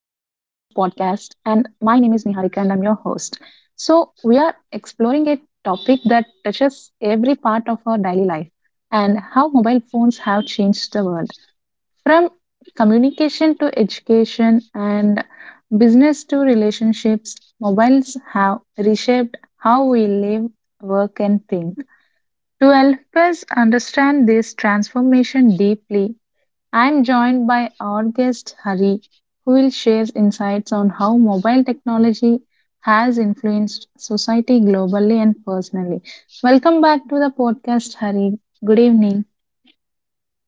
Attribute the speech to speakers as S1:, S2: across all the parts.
S1: I'm your host. So, we are exploring a topic that touches every part of our daily life and how mobile phones have changed the world. From communication to education and business to relationships, mobiles have reshaped how we live, work and think. To help us understand this transformation deeply, I am joined by our guest Hari, who will share insights on how mobile technology has influenced society globally and personally. Welcome back to the podcast, Hari. Good evening.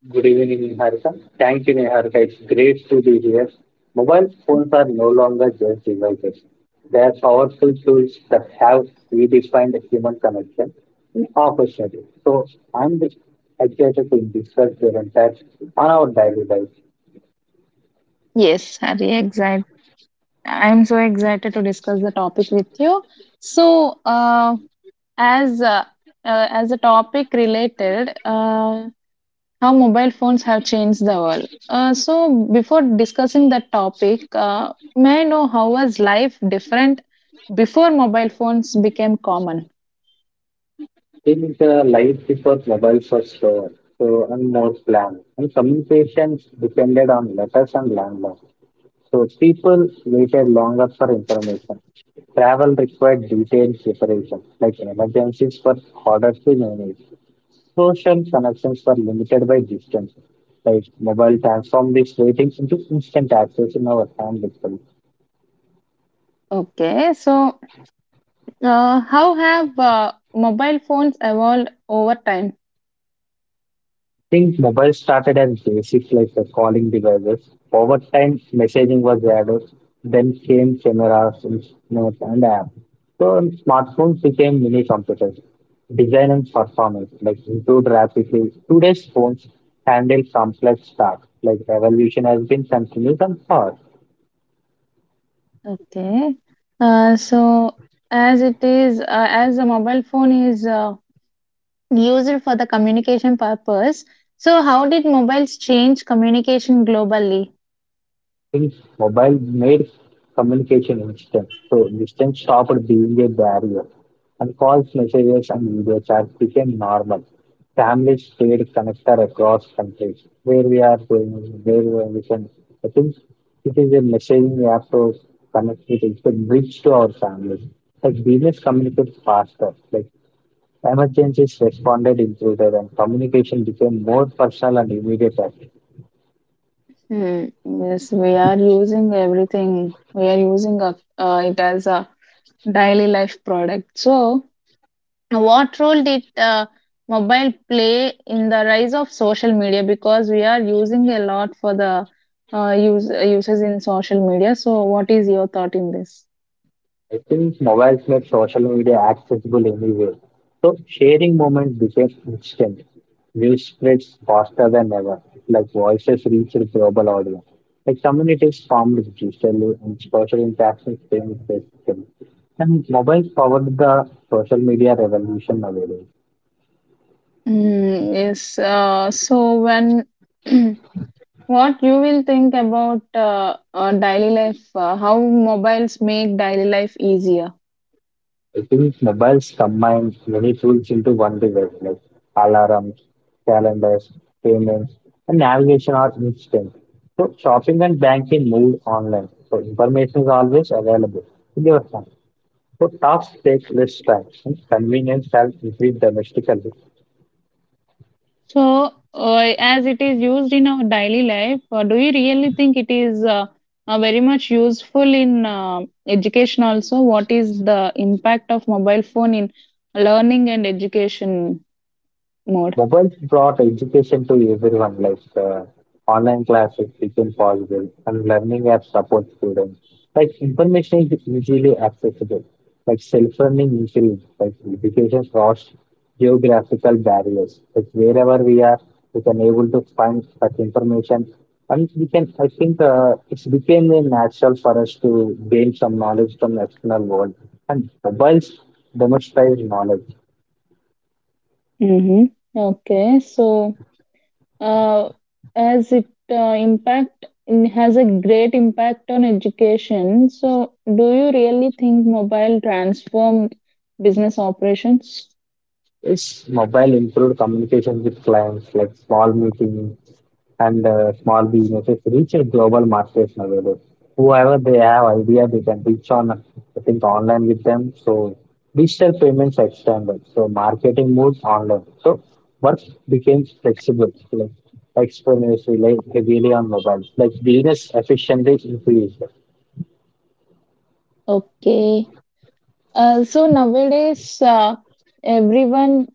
S2: Good evening, Niharika. Thank you, Niharika. It's great to be here. Mobile phones are no longer just devices. They are powerful tools that have redefined the human connection and opportunity. So I'm just excited to discuss their impact on our daily life.
S1: Yes, Hari, excited. I'm so excited to discuss the topic with you. So, as uh, as a topic related, how mobile phones have changed the world. So, before discussing that topic, may I know how was life different before mobile phones became common?
S2: Think life before mobile was slower, so and more planned, and communications depended on letters and landlines. So people waited longer for information. Travel required detailed preparation, like emergencies were harder to manage. Social connections were limited by distance. Like mobile transformed this waiting into instant access in our hand itself.
S1: Okay, so how have mobile phones evolved over time?
S2: Think mobiles started as basic like the calling devices. Over time, messaging was added. Then came cameras, notes, and apps. So smartphones became mini computers. Design and performance like improved rapidly. Today's phones handle complex tasks. Like evolution has been continuous and fast.
S1: Okay, so as it is, uh, as a mobile phone is used for the communication purpose, so how did mobiles change communication globally?
S2: Think mobile made communication instant. So distance stopped being a barrier, and calls, messages, and video chats became normal. Families stayed connected across countries. Where we are going, where we can. I think it is a messaging app to connect with. It's a bridge to our families. Like business communicates faster. Like emergencies responded improved, and communication became more personal and immediate.
S1: Hmm, yes, we are using everything. We are using it as a daily life product. So, what role did mobile play in the rise of social media? Because we are using a lot for the uses in social media. So, what is your thought in this?
S2: I think mobiles made social media accessible anywhere. So sharing moments became instant. News spreads faster than ever. Like voices reached global audience. Like communities formed digitally and social interactions came physically. And mobiles powered the social media revolution nowadays.
S1: Mm, yes. So, when what you will think about daily life? How mobiles make daily life easier?
S2: I think mobiles combine many tools into one device, like alarms, calendars, payments, and navigation are instant. So shopping and banking move online. So information is always available in your hand. So tasks take less time, and convenience has increased domestically.
S1: So, as it is used in our daily life, do you really think it is very much useful in education also? What is the impact of mobile phone in learning and education mode?
S2: Mobiles brought education to everyone, like online classes became possible and learning apps support students. Like information is easily accessible, like self-learning increased, like education crossed geographical barriers. Like wherever we are, we can able to find such information, and we can. I think it's became a natural for us to gain some knowledge from the external world, and mobiles demonstrate knowledge.
S1: Mm-hmm. Okay, so uh, as it impact it has a great impact on education. So, do you really think mobile transform business operations?
S2: Yes, mobile improved communication with clients like small meetings and small businesses reach a global markets nowadays. Whoever they have idea, they can reach on, I think, online with them. So digital payments extended. So marketing moves online. So work became flexible. Like experiments rely heavily on mobile. Like business efficiency increased.
S1: Okay. So nowadays, everyone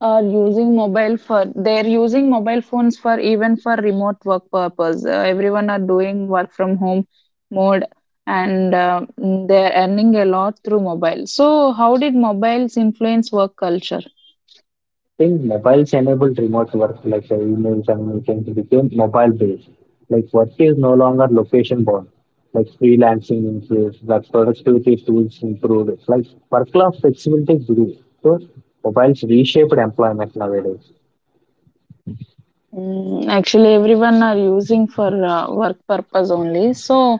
S1: are using mobile for they're using mobile phones for even for remote work purpose. Everyone are doing work from home mode, and they're earning a lot through mobile. So how did mobiles influence work culture?
S2: Think mobiles enabled remote work like email communication became mobile based. Like work is no longer location bound. Like freelancing increased, like productivity tools improved, like work life flexibility grew. So mobiles reshaped employment nowadays.
S1: Mm, actually, everyone are using for work purpose only. So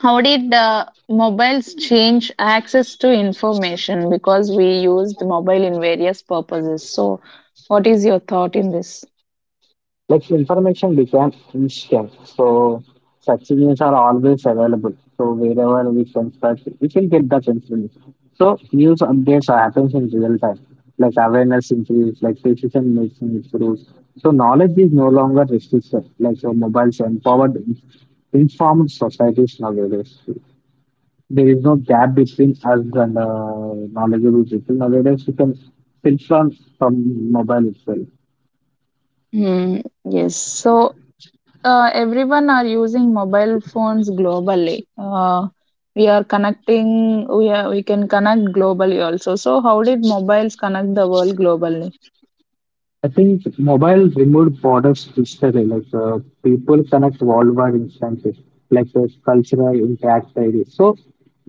S1: how did mobiles change access to information? Because we used mobile in various purposes. So, what is your thought in this?
S2: Like information became instant. So such signals are always available. So wherever we can search, we can get that information. So news updates are happens in real time. Like awareness increase, like decision making improves. So knowledge is no longer restricted, like so mobiles empowered informed societies nowadays. There is no gap between us and knowledgeable people nowadays. We can filter from mobile itself.
S1: Hmm, yes. So, everyone are using mobile phones globally. We are connecting. We are, we can connect globally also. So, how did mobiles connect the world globally?
S2: I think mobile removed borders digitally, like people connect worldwide instantly, like cultural impact daily. So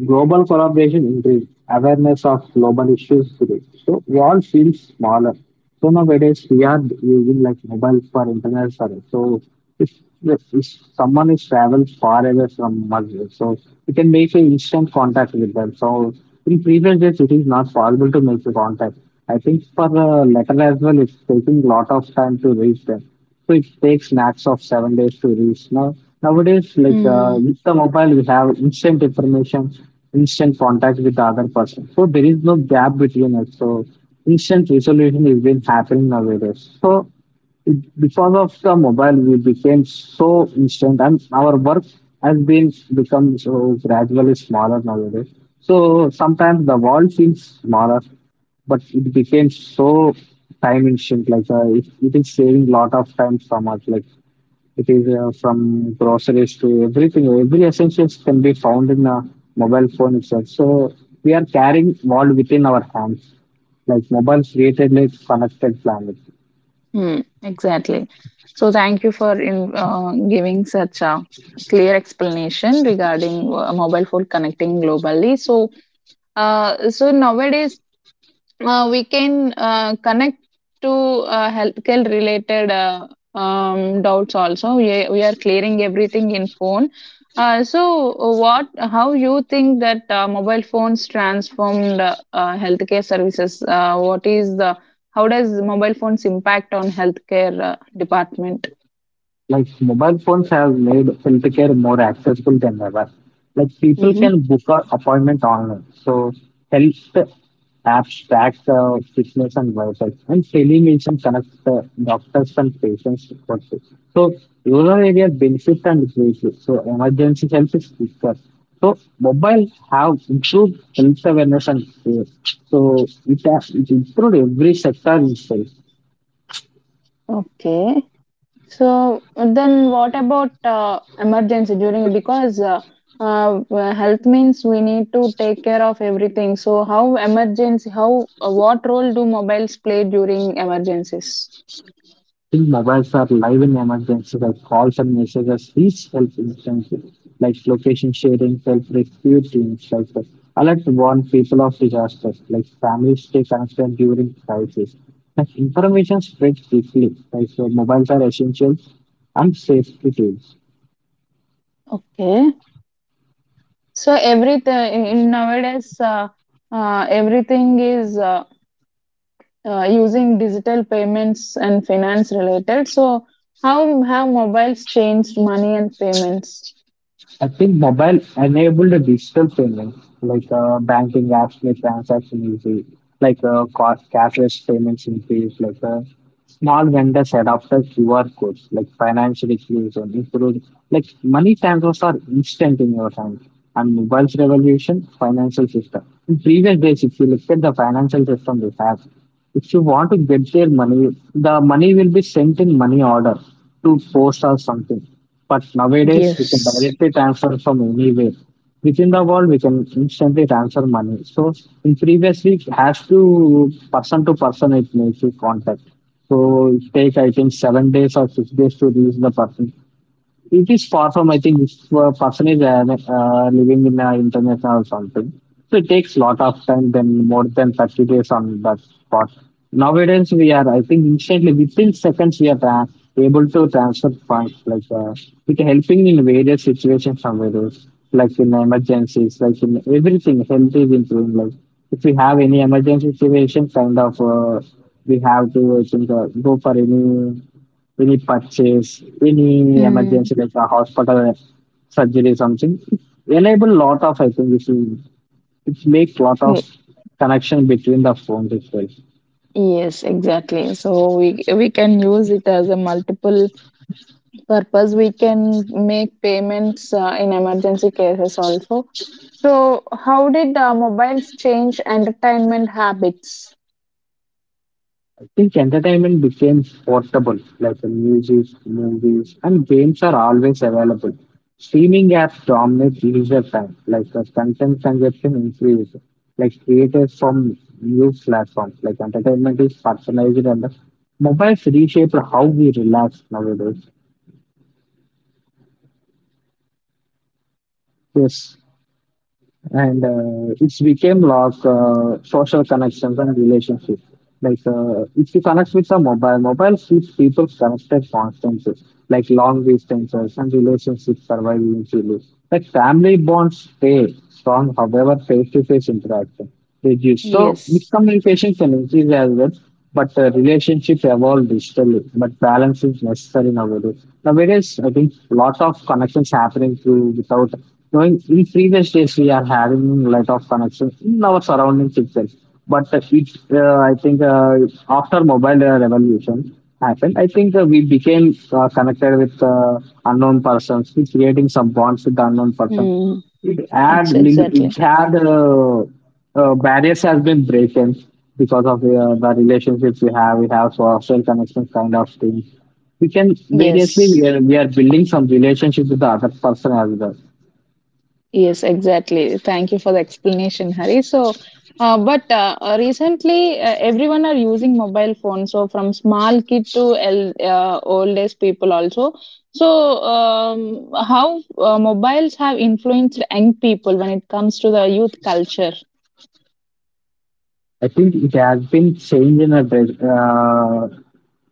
S2: global collaboration increased, awareness of global issues grew. So we all feel smaller. So nowadays we are using like mobile for internet service. So if, if someone is traveled far away from us, so we can make an instant contact with them. So in previous days it is not possible to make the contact. I think for the letter as well, it's taking lot of time to reach them. So it takes max of 7 days to reach. Now nowadays, like
S1: Hmm.
S2: with the mobile, we have instant information, instant contact with the other person. So there is no gap between us. So instant resolution is been happening nowadays. So it, because of the mobile, we became so instant, and our work has been become so gradually smaller nowadays. So sometimes the world seems smaller, but it became so time efficient. Like it is saving lot of time from us. Like it is from groceries to everything. Every essentials can be found in a mobile phone itself. So we are carrying world within our hands. Like mobiles created a connected planet.
S1: Hmm, exactly. So thank you for giving such a clear explanation regarding mobile phone connecting globally. So, nowadays we can connect to healthcare related doubts also we are clearing everything in phone, so what how you think that mobile phones transformed healthcare services, what is the how does mobile phones impact on healthcare department?
S2: Like mobile phones have made healthcare more accessible than ever. Like people
S1: Mm-hmm.
S2: can book an appointment online. So health apps track fitness and websites, and telemedicine connects doctors and patients also. So rural area benefits and greatly. So emergency help is quicker. So mobile have improved health awareness and care. So it has it improved every sector itself.
S1: Okay. So then what about emergency during because uh, health means we need to take care of everything. So how emergency how what role do mobiles play during emergencies?
S2: Think mobiles are live in emergencies like calls and messages reach help instantly, like location sharing, self-rescue teams, like that. Alert warn people of disasters, like families stay connected during crisis. Like information spreads quickly, like so mobiles are essential and safety tools.
S1: Okay. So everything in nowadays everything is using digital payments and finance related. So how have mobiles changed money and payments?
S2: I think mobile enabled digital payment, like banking apps make transaction easy, like cashless payments increase, like small vendors adopted QR codes, like financial inclusion improved, like money transfers are instant in your hand. And mobile's revolution, financial system. In previous days, if you look at the financial system we have, if you want to get their money, the money will be sent in money order to post or something. But nowadays, we can
S1: Yes.
S2: directly transfer from anywhere. Within the world, we can instantly transfer money. So, in previously, it has to person, it makes you contact. So, it take I think 7 days or 6 days to reach the person. It is far from, I think, if a person is living in international or something. So it takes lot of time, then more than 30 days on that spot. Nowadays, we are, I think, instantly, within seconds, we are able to transfer funds, like with helping in various situations somewhere else, like in emergencies, like in everything, health is improving. Like if we have any emergency situation, kind of, we have to, I think, go for any purchase, any
S1: Mm.
S2: emergency like a hospital surgery something. It enable lot of, I think, if you it make lot of connection between the phones itself.
S1: Yes, exactly. So we can use it as a multiple purpose. We can make payments in emergency cases also. So how did mobiles change entertainment habits?
S2: I think entertainment became portable, like the music, movies and games are always available. Streaming apps dominate leisure time, like the content consumption increase, like created from new platforms. Like entertainment is personalized and the mobiles reshape how we relax nowadays. Yes, and it's became like social connections and relationships. Like if you connect with a mobile, mobile keeps people connected constantly, like long distances and relationships survive eventually. Like family bonds stay strong, however, face-to-face interaction reduce. So
S1: Yes.
S2: miscommunication can increase as well, but relationships evolve digitally. But balance is necessary nowadays. Nowadays, I think lot of connections happening through without knowing. In previous days, we are having lot of connections in our surroundings itself. But it, I think after mobile revolution happened, I think we became connected with unknown persons, we creating some bonds with the unknown person.
S1: Mm,
S2: It
S1: exactly.
S2: had barriers has been broken because of the relationships we have. We have social connections kind of things. We can variously we
S1: Yes.
S2: are, we are building some relationship with the other person as well.
S1: Yes, exactly. Thank you for the explanation, Hari. So, but recently, everyone are using mobile phones. So, from small kid to oldest people also. So, how mobiles have influenced young people when it comes to the youth culture?
S2: I think it has been changed in a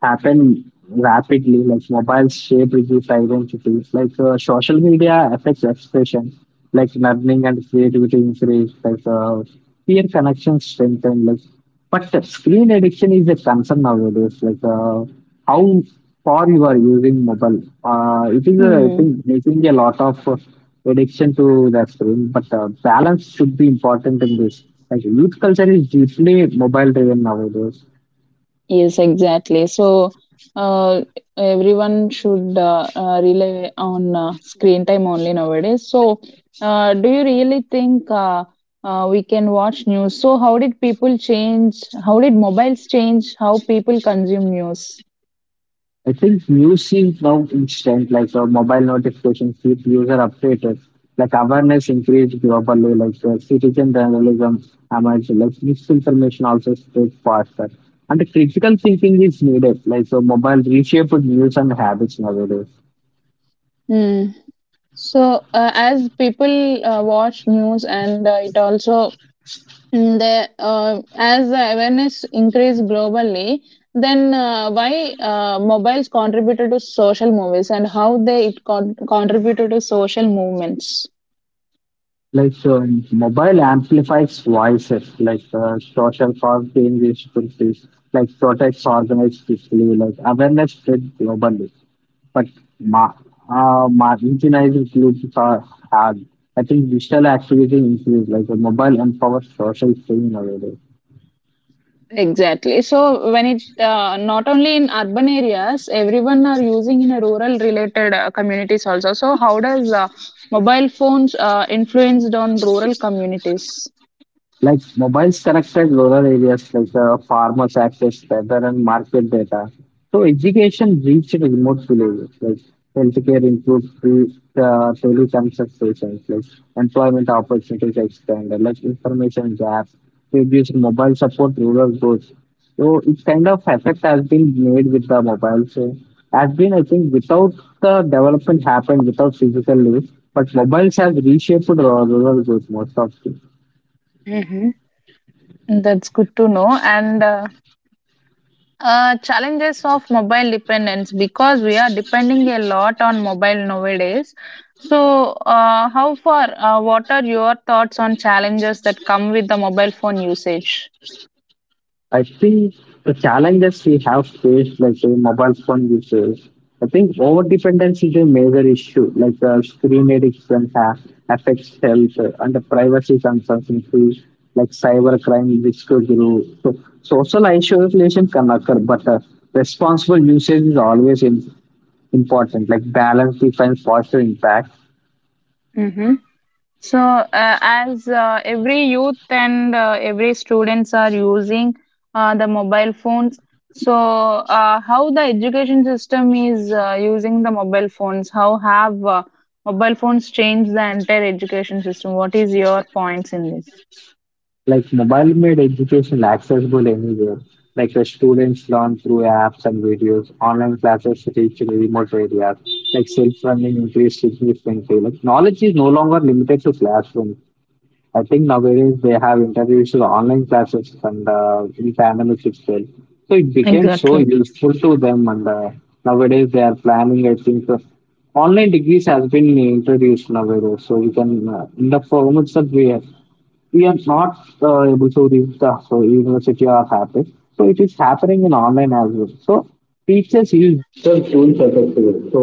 S2: happen rapidly. Like mobiles shape reduce identities. Like social media affects expression. Like learning and creativity increase. Like peer connections strengthen. Like, but the screen addiction is a concern nowadays. Like how far you are using mobile, it is a thing making a lot of addiction to the screen. But balance should be important in this. Like youth culture is deeply mobile driven nowadays.
S1: Yes, exactly. So uh, everyone should rely on screen time only nowadays. So do you really think we can watch news? So how did people change? How did mobiles change how people consume news?
S2: I think usage now instant, like a mobile notification keep user updated, like awareness increased globally, like citizen journalism emerged, like misinformation also spread faster. And the critical thinking is needed, like so mobile reshaped news and habits nowadays.
S1: Hmm. So, as people watch news, and it also, mm, the as the awareness increased globally, then why mobiles contributed to social movies and how they it con- contributed to social movements?
S2: Like mobile amplifies voices, like social cause changes, like protects organized display, like awareness spread globally. But ma marginalized includes, uh, I think, digital activism includes like a mobile and power social saving nowadays.
S1: Exactly. So when it not only in urban areas, everyone are using in a rural related communities also. So how does mobile phones influenced on rural communities?
S2: Like mobiles connected rural areas, like farmers access weather and market data. So education reached remote villages. Like healthcare improved through teleconsultations. Like employment opportunities expanded. Like information gaps reduced. Mobile support rural growth. So it kind of effect has been made with the mobile. So has been, I think, without the development happened without physical limits. But mobiles have reshaped rural growth most of.
S1: Hmm. That's good to know. And challenges of mobile dependence, because we are depending a lot on mobile nowadays. So, how far? What are your thoughts on challenges that come with the mobile phone usage?
S2: I think the challenges we have faced, like the mobile phone usage, I think overdependence is a major issue. Like the screen addiction affects health, and the privacy concerns increase, like cybercrime risk to grow. So social isolation can occur, but responsible usage is always in, important. Like balance defines positive impact.
S1: So, as every youth and every students are using the mobile phones, so how the education system is using the mobile phones? How have mobile phones changed the entire education system? What is your points in this?
S2: Like mobile made education accessible anywhere. Like the students learn through apps and videos. Online classes reach remote areas. Like self-learning increased significantly. Like knowledge is no longer limited to classrooms. I think nowadays they have introduced online classes and in pandemic itself. So it became so
S1: Exactly.
S2: useful to them, and nowadays they are planning, I think, online degrees has been introduced nowadays. So we can, in the form itself, we are not able to reach the so university or campus. So it is happening in online as well. So teachers use digital tools as. So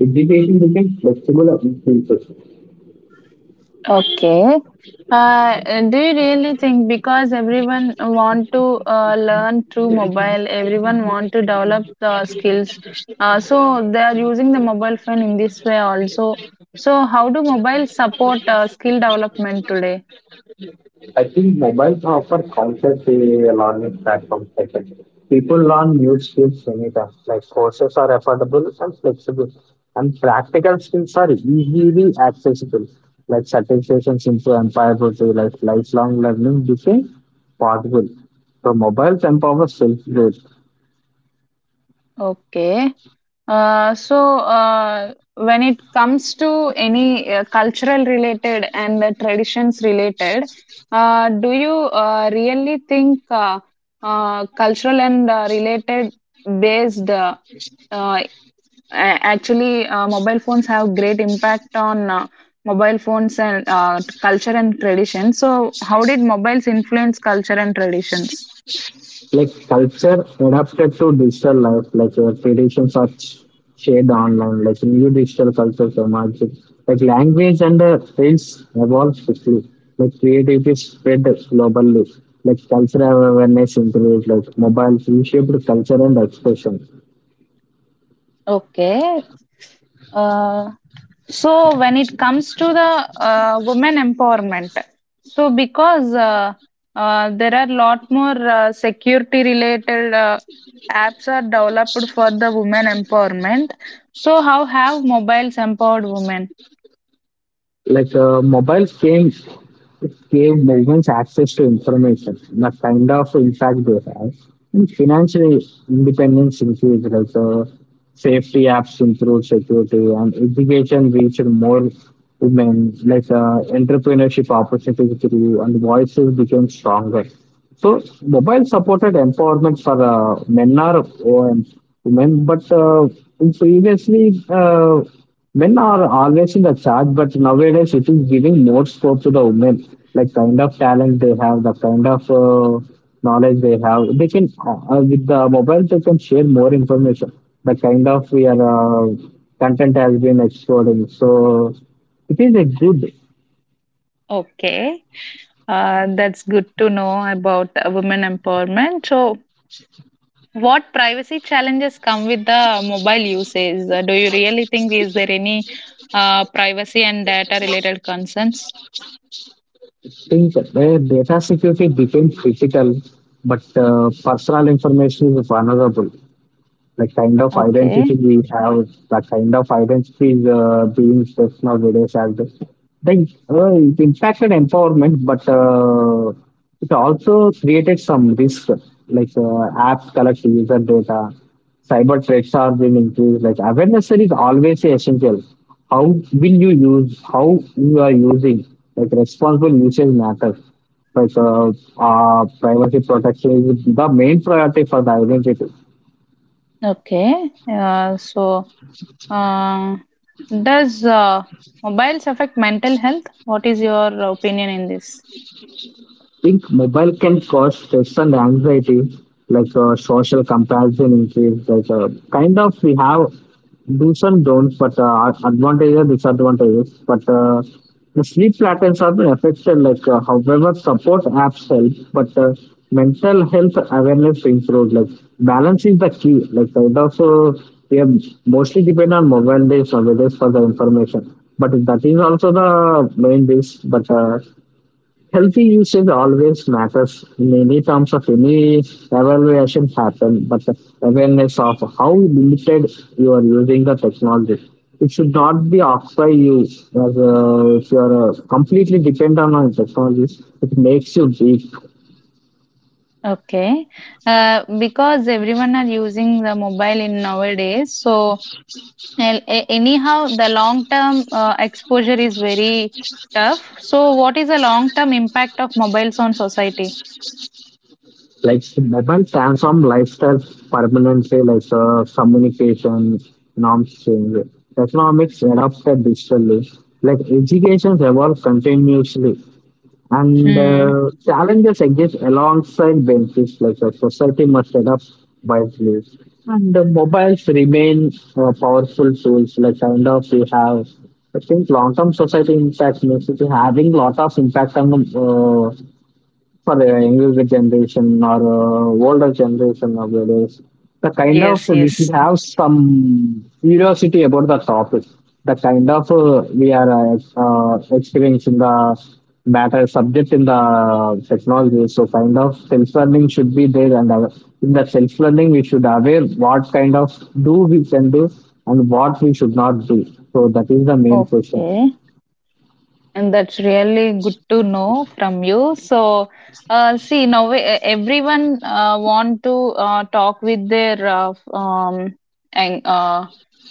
S2: education becomes flexible and inclusive.
S1: Okay. Uh, do you really think because everyone want to learn through mobile, everyone want to develop the skills, so they are using the mobile phone in this way also. So how do mobile support skill development today?
S2: I think mobiles offer countless learning platforms. I think. People learn new skills anytime. Like courses are affordable and flexible, and practical skills are easily accessible. Like certifications into empire to, like, lifelong learning became possible. So mobiles empower self growth.
S1: Okay. When it comes to any cultural related and the traditions related, do you really think cultural and related based uh, a- actually mobile phones have great impact on mobile phones and culture and tradition? So, how did mobiles influence culture and traditions?
S2: Like culture adapted to digital life, like traditions are shared online, like new digital cultures emerge, like language and fields evolve quickly, like creativity spread globally, like cultural awareness increased, like mobile reshaped culture and expression.
S1: Okay. Uh, So when it comes to the women empowerment, so because there are lot more security related apps are developed for the women empowerment. So how have mobiles empowered women?
S2: Like mobile games gave movements access to information, the kind of impact they have. And financial independence increased, like safety apps improved security, and education reached more women, like entrepreneurship opportunities grew, and voices became stronger. So mobile supported empowerment for men or women, but in previously men are always in the charge, but nowadays it is giving more scope to the women, like kind of talent they have, the kind of knowledge they have. They can with the mobile they can share more information. The kind of we are uh, content has been exploding, so it is a good.
S1: Okay, that's good to know about women empowerment. So what privacy challenges come with the mobile usage? Do you really think is there any privacy and data related concerns?
S2: Think data security becomes critical, but personal information is vulnerable, like kind of identity
S1: Okay.
S2: we have, that kind of identity is being stressed nowadays as the, like it impacted empowerment, but it also created some risk. Like apps collect user data, cyber threats are being increased. Like awareness is always essential. How will you use? How you are using? Like responsible usage matters. Like privacy protection is the main priority for the identity.
S1: Okay. Uh, does mobiles affect mental health? What is your opinion in this?
S2: Think mobile can cause stress and anxiety, like social comparison increase. Like kind of we have do's and don'ts, but advantages disadvantages. But the sleep patterns have been affected. Like however, support apps help, but mental health awareness improves. Like balance is the key. Like kind of we have mostly depend on mobile days or days for the information. But that is also the main base. But healthy usage always matters in any terms of any evaluation happen, but the awareness of how limited you are using the technology. It should not be occupy you as if you are completely dependent on technologies. It makes you weak.
S1: Okay. Because everyone are using the mobile in nowadays, so anyhow, the long term exposure is very tough. So, what is the long term impact of mobiles on society?
S2: Like mobile transform lifestyle permanently, like communication norms change, economics adopted digitally, like education evolves continuously, and
S1: Hmm.
S2: challenges exist alongside benefits, like a society must adapt wisely, and the mobiles remain powerful tools, like kind of we have. I think long-term society impact means it is having lot of impact on for the younger generation or older generation of others, the kind of
S1: Yes.
S2: we should
S1: Yes.
S2: have some curiosity about the topic. The kind of we are experiencing the matter subject in the technology. So kind of self learning should be there, and in the self learning we should aware what kind of do we can do and what we should not do. So that is the main question.
S1: Okay. And that's really good to know from you. So, see, now everyone want to talk with their f- and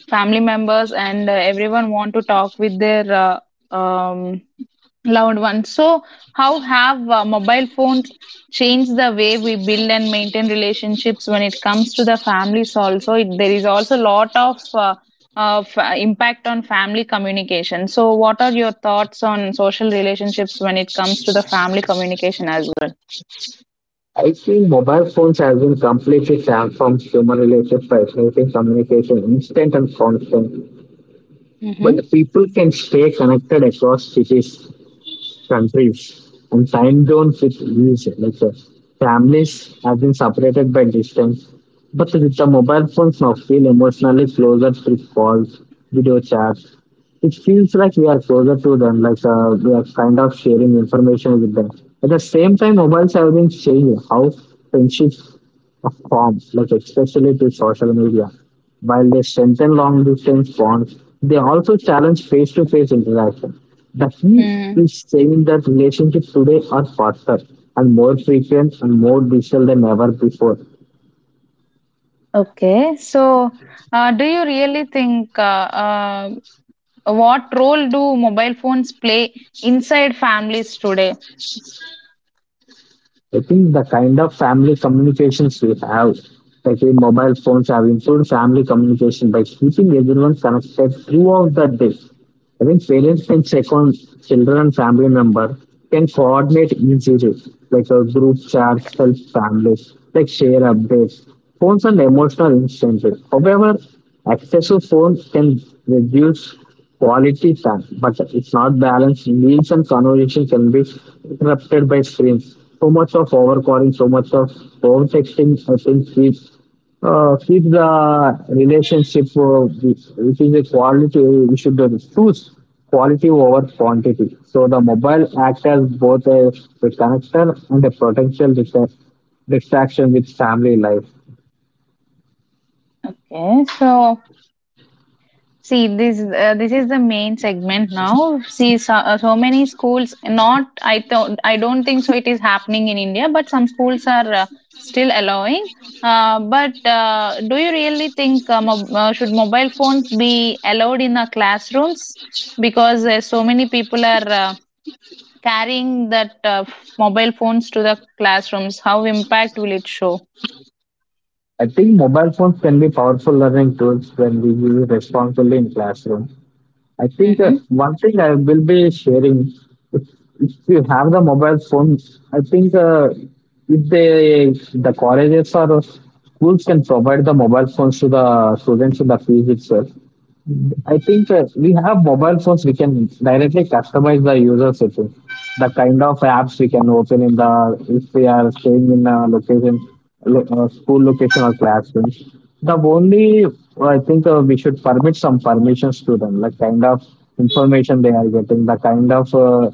S1: family members, and everyone want to talk with their uh, um, loved ones. So, how have mobile phones changed the way we build and maintain relationships when it comes to the families? Also, there is also a lot of impact on family communication. So, what are your thoughts on social relationships when it comes to the family communication as well?
S2: I see mobile phones have been completely transformed human relations by communication instant and constant, but
S1: Mm-hmm.
S2: people can stay connected across cities, countries, and time zones with ease. Like families have been separated by distance, but with the mobile phones now feel emotionally closer through calls, video chats. It feels like we are closer to them, like we are kind of sharing information with them. At the same time, mobiles have been changing how friendships are formed, like especially to social media. While they strengthen long distance bonds, they also challenge face to face interaction. The key
S1: Mm.
S2: is saying that relationships today are faster and more frequent and more digital than ever before.
S1: Okay, so do you really think what role do mobile phones play inside families today?
S2: I think the kind of family communications we have, like in mobile phones, have improved family communication by keeping everyone connected throughout the day. I think parents can check on children and family member can coordinate easily, like a group chats help families, like share updates. Phones and emotional instantly. However, excessive phones can reduce quality time, but it's not balanced. Meals and conversation can be interrupted by screens. So much of overcalling, so much of phone texting, I think keeps if the relationship, if it is a quality, we should choose quality over quantity. So the mobile acts as both a connector and a potential distraction with family life.
S1: Okay, so see, this is the main segment now. See, so, so many schools. Not, I don't think so. It is happening in India, but some schools are still allowing. But do you really think should mobile phones be allowed in the classrooms? Because so many people are carrying that mobile phones to the classrooms. How impact will it show?
S2: I think mobile phones can be powerful learning tools when we use responsibly in classroom. I think that
S1: Mm-hmm.
S2: one thing I will be sharing, if, if you have the mobile phone, I think if they the colleges or schools can provide the mobile phones to the students in the field itself, I think we have mobile phones. We can directly customize the user settings, the kind of apps we can open in the if we are staying in a location, school location or classroom. The only, I think, we should permit some permissions to them, like kind of information they are getting, the kind of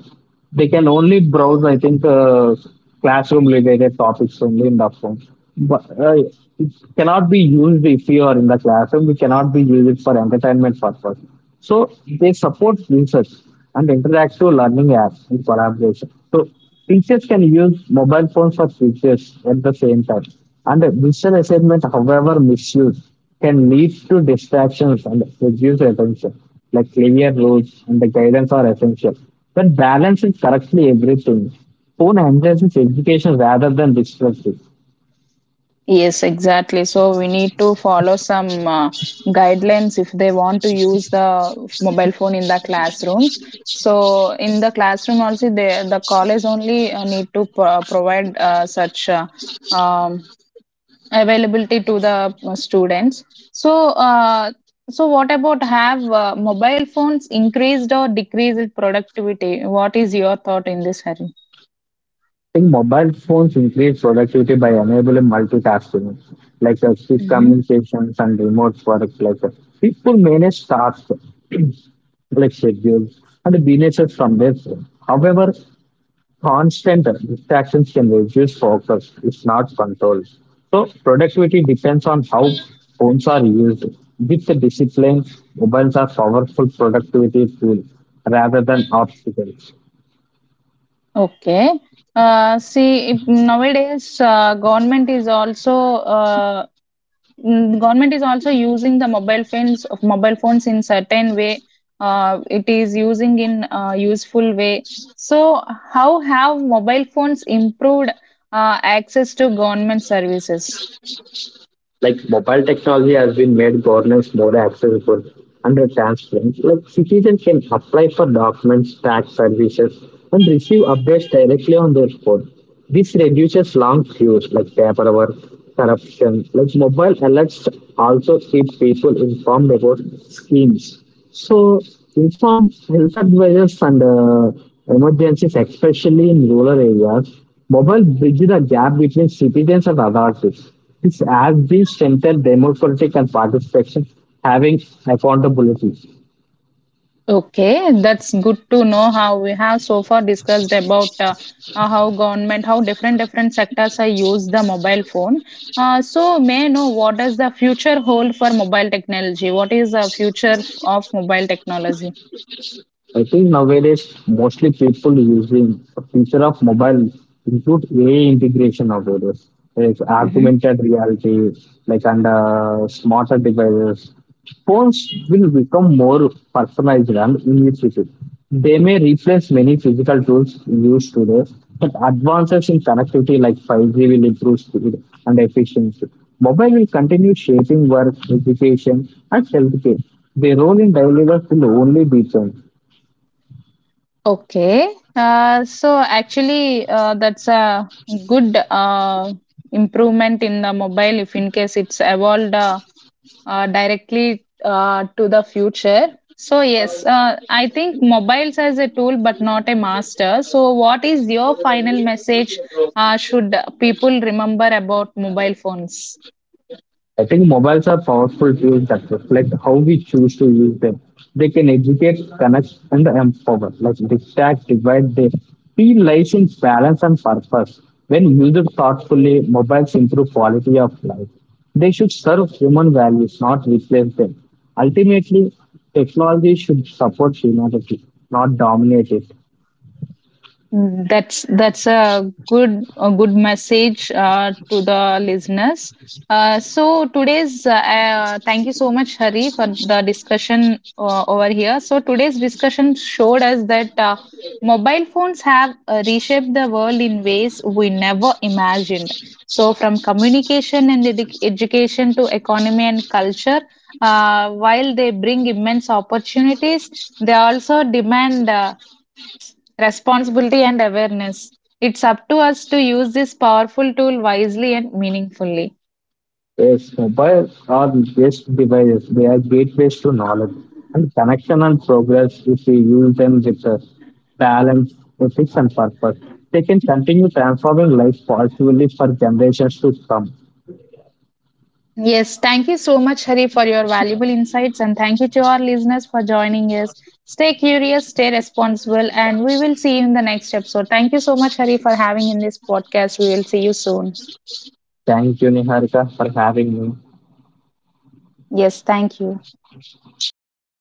S2: they can only browse, I think, classroom related topics only in that form. But it cannot be used if you are in the classroom. We cannot be used it for entertainment purpose. So they support research and interactive learning apps in collaboration. So teachers can use mobile phones for teachers at the same time. And a digital assignment, however misused, can lead to distractions and reduce attention. Like clear rules and the guidance are essential. But balance is correctly everything. Phone enhances education rather than distracts it.
S1: Yes, exactly. So we need to follow some guidelines if they want to use the mobile phone in the classrooms. So in the classroom also, the college only need to provide such um, availability to the students. So so what about have mobile phones increased or decreased productivity? What is your thought in this, Harry?
S2: Think mobile phones increase productivity by enabling multitasking, like quick communications and remote work. Like people manage tasks like schedules and businesses from their phone. However, constant distractions can reduce focus if not controlled. So productivity depends on how phones are used. With the discipline, mobiles are powerful productivity tool rather than obstacle.
S1: Okay. See, if nowadays uh, government is also using the mobile phones of mobile phones in certain way. It is using in useful way. So, how have mobile phones improved access to government services?
S2: Like mobile technology has been made governance more accessible and transparent. Like citizens can apply for documents, tax services, and receive updates directly on their phone. This reduces long queues like paperwork, corruption. Like mobile alerts also keep people informed about schemes. So informed health advisors and emergencies, especially in rural areas. Mobile bridges the gap between citizens and authorities. Its as will strengthen democratic and participation, having accountability.
S1: Okay, that's good to know how we have so far discussed about how government, how different different sectors are use the mobile phone. So may I know what does the future hold for mobile technology? What is the of mobile technology?
S2: I think nowadays mostly people using the feature of mobile include AI integration nowadays. It's
S1: Hmm.
S2: augmented reality, like under smarter devices. Phones will become more personalized and intuitive. They may replace many physical tools used today, but advances in connectivity like 5G will improve speed and efficiency. Mobile will continue shaping work, education, and healthcare. Their role in daily life will only deepen.
S1: Okay, so actually, that's a good improvement in the mobile if in case it's evolved. Directly to the future. So, yes, I think mobiles as a tool but not a master. So, what is your final message should people remember about mobile phones?
S2: I think mobiles are powerful tools that reflect how we choose to use them. They can educate, connect, and empower, like distract, divide. They feel lies in balance and purpose. When used thoughtfully, mobiles improve quality of life. They should serve human values, not replace them. Ultimately, technology should support humanity, not dominate it.
S1: That's a good message to the listeners. So today's Thank you so much, Hari, for the discussion over here. So today's discussion showed us that mobile phones have reshaped the world in ways we never imagined. So from communication and education to economy and culture, while they bring immense opportunities, they also demand responsibility and awareness. It's up to us to use this powerful tool wisely and meaningfully.
S2: Yes, mobile are just devices. They are gateways to knowledge and connection and progress if we use them with a balance, ethics, and purpose. They can continue transforming life positively for generations to come.
S1: Yes, thank you so much, Hari, for your valuable insights, and thank you to our listeners for joining us. Stay curious, stay responsible, and we will see you in the next episode. Thank you so much, Hari, for having in this podcast. We will see you soon.
S2: Thank you, Niharika, for having me.
S1: Yes, thank you.